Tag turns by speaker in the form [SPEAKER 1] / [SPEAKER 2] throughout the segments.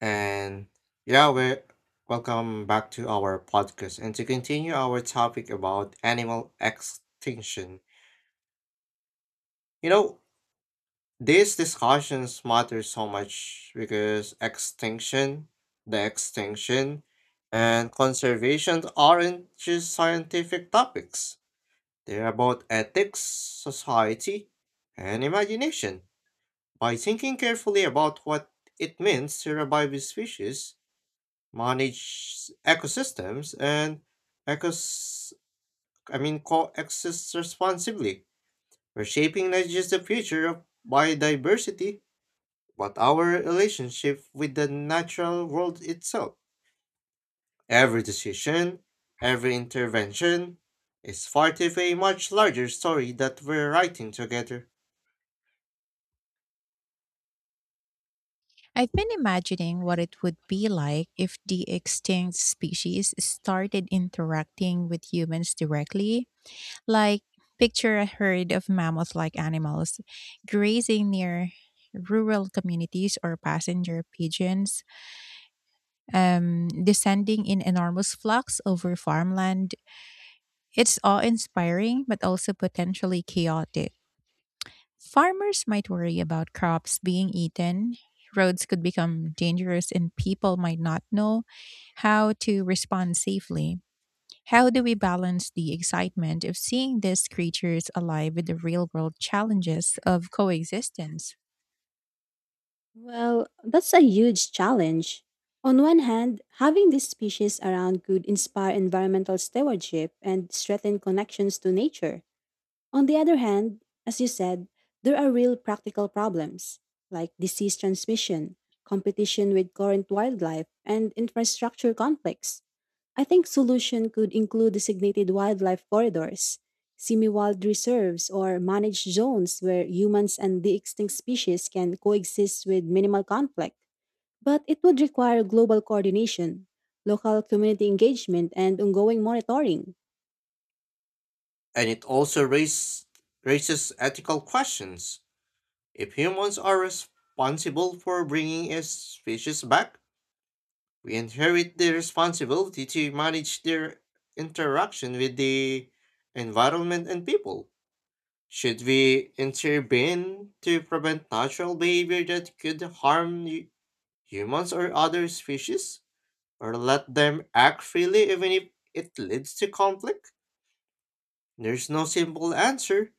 [SPEAKER 1] And yeah, we're welcome back to our podcast and to continue our topic about animal extinction. You know, these discussions matter so much because extinction and conservation aren't just scientific topics. They're about ethics, society, and imagination. By thinking carefully about what it means to revive a species, manage ecosystems and ecos I mean coexist responsibly, we're shaping not just the future of biodiversity, but our relationship with the natural world itself. Every decision, every intervention is part of a much larger story that we're writing together.
[SPEAKER 2] I've been imagining what it would be like if the extinct species started interacting with humans directly. Like, picture a herd of mammoth like animals grazing near rural communities or passenger pigeons descending in enormous flocks over farmland. It's awe inspiring, but also potentially chaotic. Farmers might worry about crops being eaten, roads could become dangerous, and people might not know how to respond safely. How do we balance the excitement of seeing these creatures alive with the real world challenges of coexistence?
[SPEAKER 3] Well, that's a huge challenge. On one hand, having these species around could inspire environmental stewardship and strengthen connections to nature. On the other hand, as you said, there are real practical problems like disease transmission, competition with current wildlife, and infrastructure conflicts. I think solution could include designated wildlife corridors, semi-wild reserves, or managed zones where humans and the extinct species can coexist with minimal conflict. But it would require global coordination, local community engagement, and ongoing monitoring.
[SPEAKER 1] And it also raises ethical questions. If humans are responsible for bringing a species back, we inherit the responsibility to manage their interaction with the environment and people. Should we intervene to prevent natural behavior that could harm humans or other species? Or let them act freely even if it leads to conflict? There's no simple answer,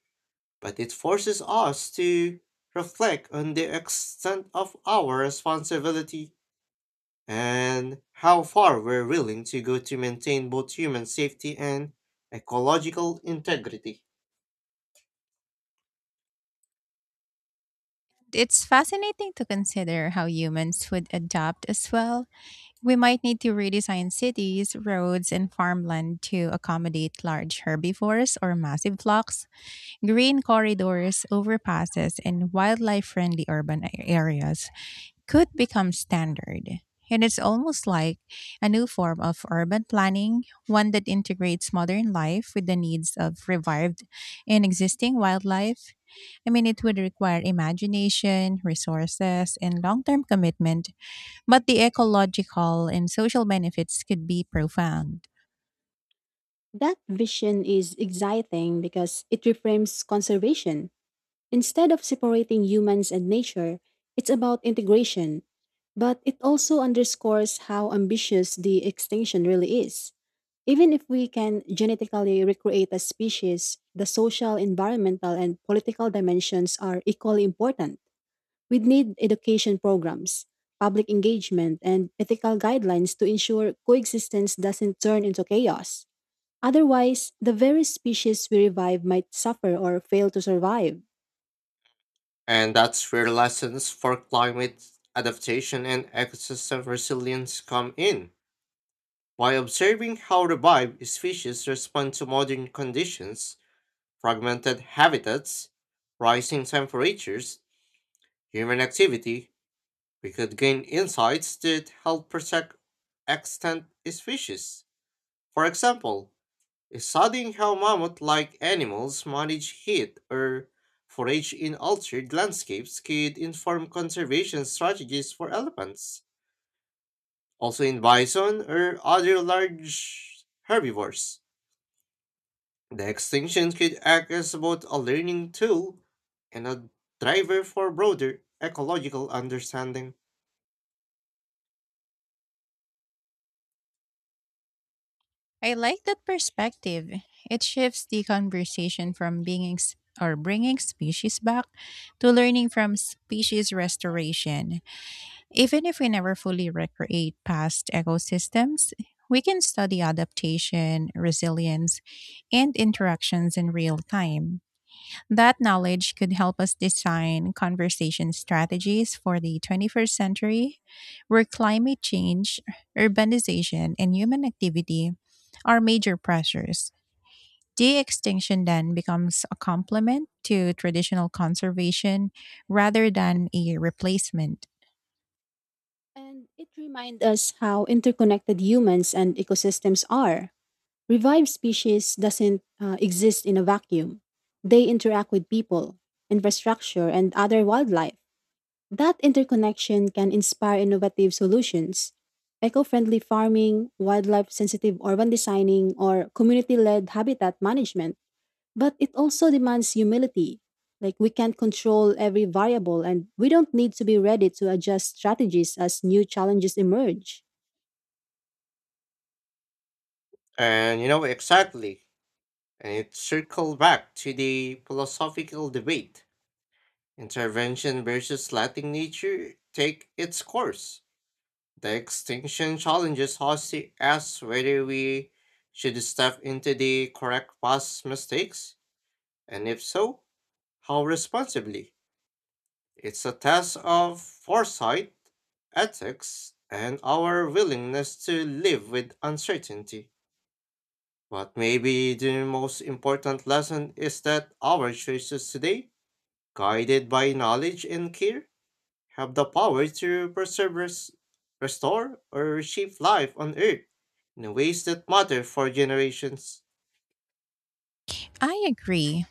[SPEAKER 1] but it forces us to reflect on the extent of our responsibility and how far we're willing to go to maintain both human safety and ecological integrity.
[SPEAKER 2] It's fascinating to consider how humans would adapt as well. We might need to redesign cities, roads, and farmland to accommodate large herbivores or massive flocks. Green corridors, overpasses, and wildlife friendly urban areas could become standard. And it's almost like a new form of urban planning, one that integrates modern life with the needs of revived and existing wildlife. I mean, it would require imagination, resources, and long term commitment, but the ecological and social benefits could be profound.
[SPEAKER 3] That vision is exciting because it reframes conservation. Instead of separating humans and nature, it's about integration. But it also underscores how ambitious the extinction really is. Even if we can genetically recreate a species, the social, environmental, and political dimensions are equally important. We need education programs, public engagement, and ethical guidelines to ensure coexistence doesn't turn into chaos. Otherwise, the very species we revive might suffer or fail to survive.
[SPEAKER 1] And that's where lessons for climate adaptation and ecosystem resilience come in. By observing how the species respond to modern conditions, fragmented habitats, rising temperatures, human activity, we could gain insights that help protect extant species. For example, studying how mammoth like animals manage heat or forage in altered landscapes could inform conservation strategies for elephants, also in bison or other large herbivores. The extinction could act as both a learning tool and a driver for broader ecological understanding.
[SPEAKER 2] I like that perspective. It shifts the conversation from being ex- or bringing species back to learning from species restoration. Even if we never fully recreate past ecosystems, we can study adaptation, resilience, and interactions in real time. That knowledge could help us design conversation strategies for the 21st century, where climate change, urbanization, and human activity are major pressures. De extinction then becomes a complement to traditional conservation rather than a replacement.
[SPEAKER 3] And it reminds us how interconnected humans and ecosystems are. Revived species doesn't exist in a vacuum. They interact with people, infrastructure, and other wildlife. That interconnection can inspire innovative solutions. Eco-friendly farming, wildlife-sensitive urban designing, or community-led habitat management. But it also demands humility. Like we can't control every variable and we don't need to be ready to adjust strategies as new challenges emerge.
[SPEAKER 1] And you know exactly, and it circled back to the philosophical debate. Intervention versus letting nature take its course. The extinction challenges us to ask whether we should step into the correct past mistakes, and if so, how responsibly. It's a test of foresight, ethics, and our willingness to live with uncertainty. But maybe the most important lesson is that our choices today, guided by knowledge and care, have the power to preserve, restore, or reshape life on Earth in ways that matter for generations.
[SPEAKER 2] I agree.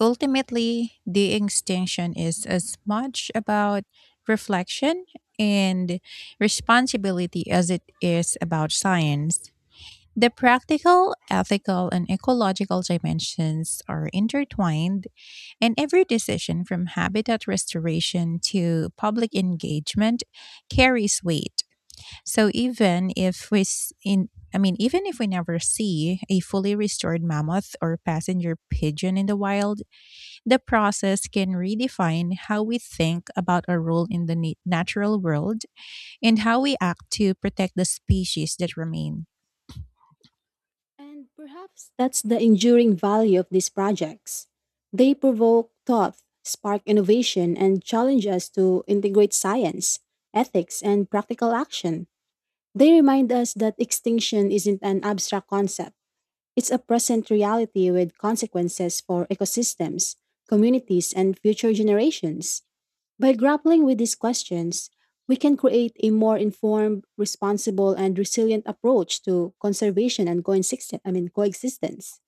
[SPEAKER 2] Ultimately, de extinction is as much about reflection and responsibility as it is about science. The practical, ethical, and ecological dimensions are intertwined, and every decision from habitat restoration to public engagement carries weight. So even if we s- in I mean even if we never see a fully restored mammoth or passenger pigeon in the wild, the process can redefine how we think about our role in the natural world and how we act to protect the species that remain.
[SPEAKER 3] And perhaps that's the enduring value of these projects. They provoke thought, spark innovation, and challenge us to integrate science, ethics, and practical action. They remind us that extinction isn't an abstract concept. It's a present reality with consequences for ecosystems, communities, and future generations. By grappling with these questions, we can create a more informed, responsible, and resilient approach to conservation and coexistence.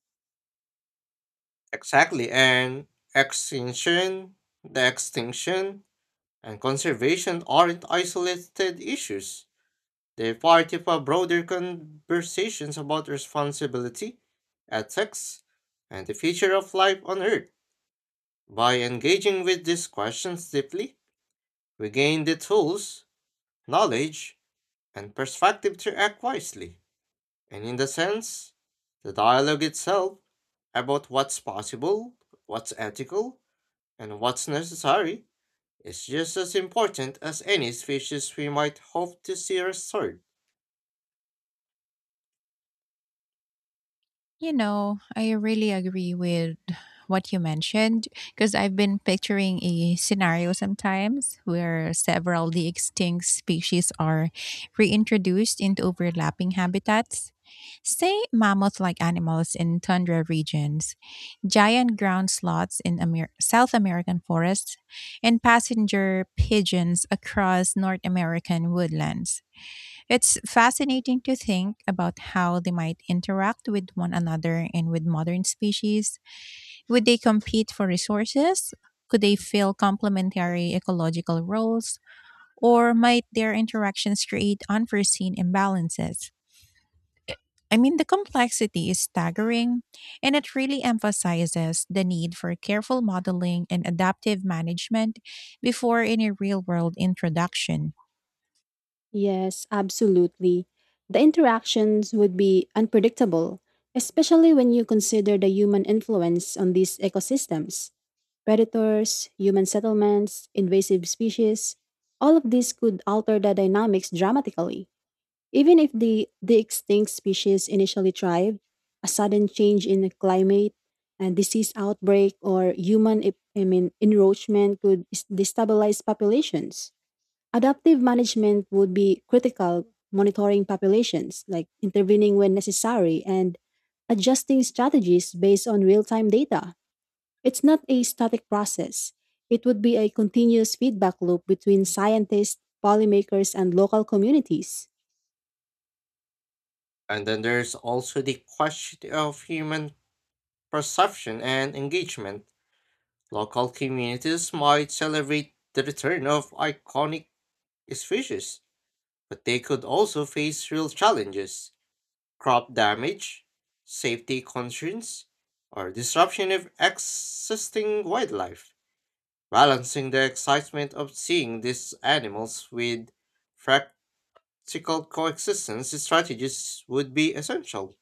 [SPEAKER 1] Exactly, and extinction, extinction and conservation aren't isolated issues. They're part of a broader conversations about responsibility, ethics, and the future of life on Earth. By engaging with these questions deeply, we gain the tools, knowledge, and perspective to act wisely, and in the sense, the dialogue itself about what's possible, what's ethical, and what's necessary is just as important as any species we might hope to see restored.
[SPEAKER 2] You know, I really agree with what you mentioned because I've been picturing a scenario sometimes where several the extinct species are reintroduced into overlapping habitats. Say mammoth-like animals in tundra regions, giant ground sloths in South American forests, and passenger pigeons across North American woodlands. It's fascinating to think about how they might interact with one another and with modern species. Would they compete for resources? Could they fill complementary ecological roles? Or might their interactions create unforeseen imbalances? I mean, the complexity is staggering, and it really emphasizes the need for careful modeling and adaptive management before any real world introduction.
[SPEAKER 3] Yes, absolutely. The interactions would be unpredictable, especially when you consider the human influence on these ecosystems. Predators, human settlements, invasive species, all of these could alter the dynamics dramatically. Even if the extinct species initially thrived, a sudden change in the climate, a disease outbreak, or human ep- I mean, enroachment could destabilize populations. Adaptive management would be critical, monitoring populations, like intervening when necessary, and adjusting strategies based on real time data. It's not a static process. It would be a continuous feedback loop between scientists, policymakers, and local communities.
[SPEAKER 1] And then there's also the question of human perception and engagement. Local communities might celebrate the return of iconic species, but they could also face real challenges: crop damage, safety concerns, or disruption of existing wildlife. Balancing the excitement of seeing these animals with practical coexistence strategies would be essential.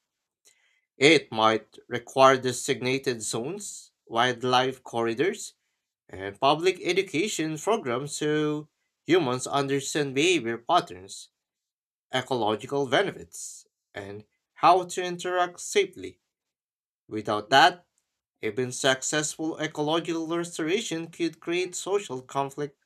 [SPEAKER 1] It might require designated zones, wildlife corridors, and public education programs so humans understand behavior patterns, ecological benefits, and how to interact safely. Without that, even successful ecological restoration could create social conflict.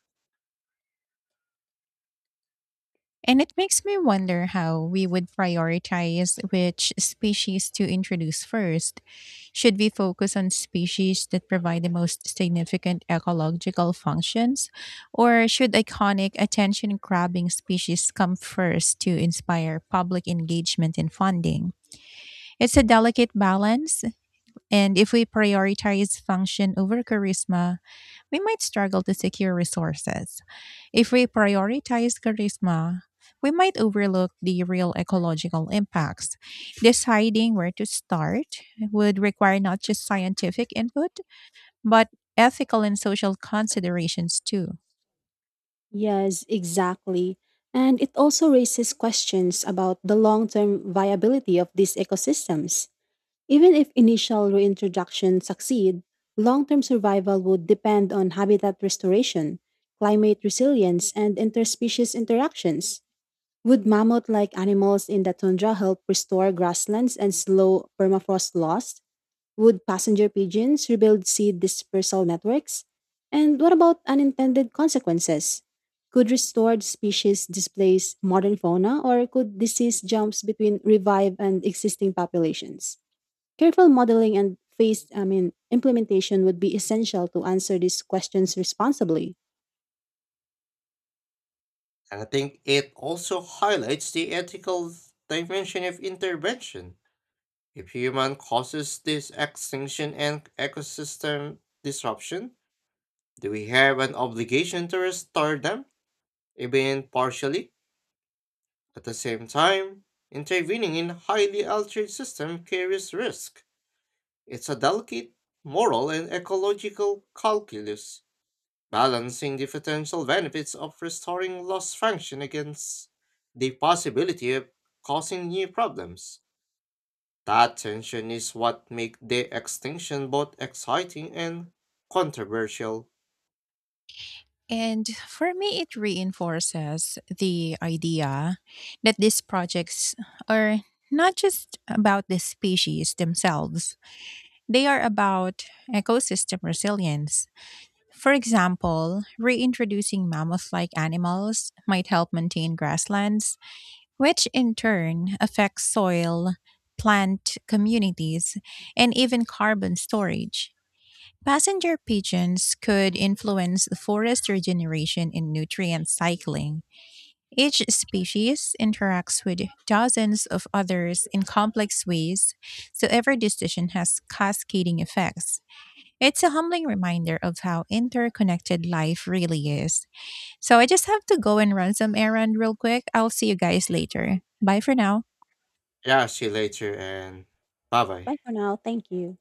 [SPEAKER 2] And it makes me wonder how we would prioritize which species to introduce first. Should we focus on species that provide the most significant ecological functions, or should iconic attention grabbing species come first to inspire public engagement and funding? It's a delicate balance, and if we prioritize function over charisma, we might struggle to secure resources. If we prioritize charisma, we might overlook the real ecological impacts. Deciding where to start would require not just scientific input, but ethical and social considerations too.
[SPEAKER 3] Yes, exactly. And it also raises questions about the long term viability of these ecosystems. Even if initial reintroduction succeed, long term survival would depend on habitat restoration, climate resilience, and interspecies interactions. Would mammoth like animals in the tundra help restore grasslands and slow permafrost loss? Would passenger pigeons rebuild seed dispersal networks? And what about unintended consequences? Could restored species displace modern fauna or could disease jumps between revived and existing populations? Careful modeling and phased I mean implementation would be essential to answer these questions responsibly.
[SPEAKER 1] And I think it also highlights the ethical dimension of intervention. If human causes this extinction and ecosystem disruption, do we have an obligation to restore them, even partially? At the same time, intervening in highly altered system carries risk. It's a delicate moral and ecological calculus, balancing the potential benefits of restoring lost function against the possibility of causing new problems. That tension is what makes the extinction both exciting and controversial.
[SPEAKER 2] And for me, it reinforces the idea that these projects are not just about the species themselves, they are about ecosystem resilience. For example, reintroducing mammoth like animals might help maintain grasslands, which in turn affects soil, plant communities, and even carbon storage. Passenger pigeons could influence forest regeneration and nutrient cycling. Each species interacts with dozens of others in complex ways, so every decision has cascading effects. It's a humbling reminder of how interconnected life really is. So I just have to go and run some errand real quick. I'll see you guys later. Bye for now.
[SPEAKER 1] Yeah, see you later, and bye bye.
[SPEAKER 3] Bye for now. Thank you.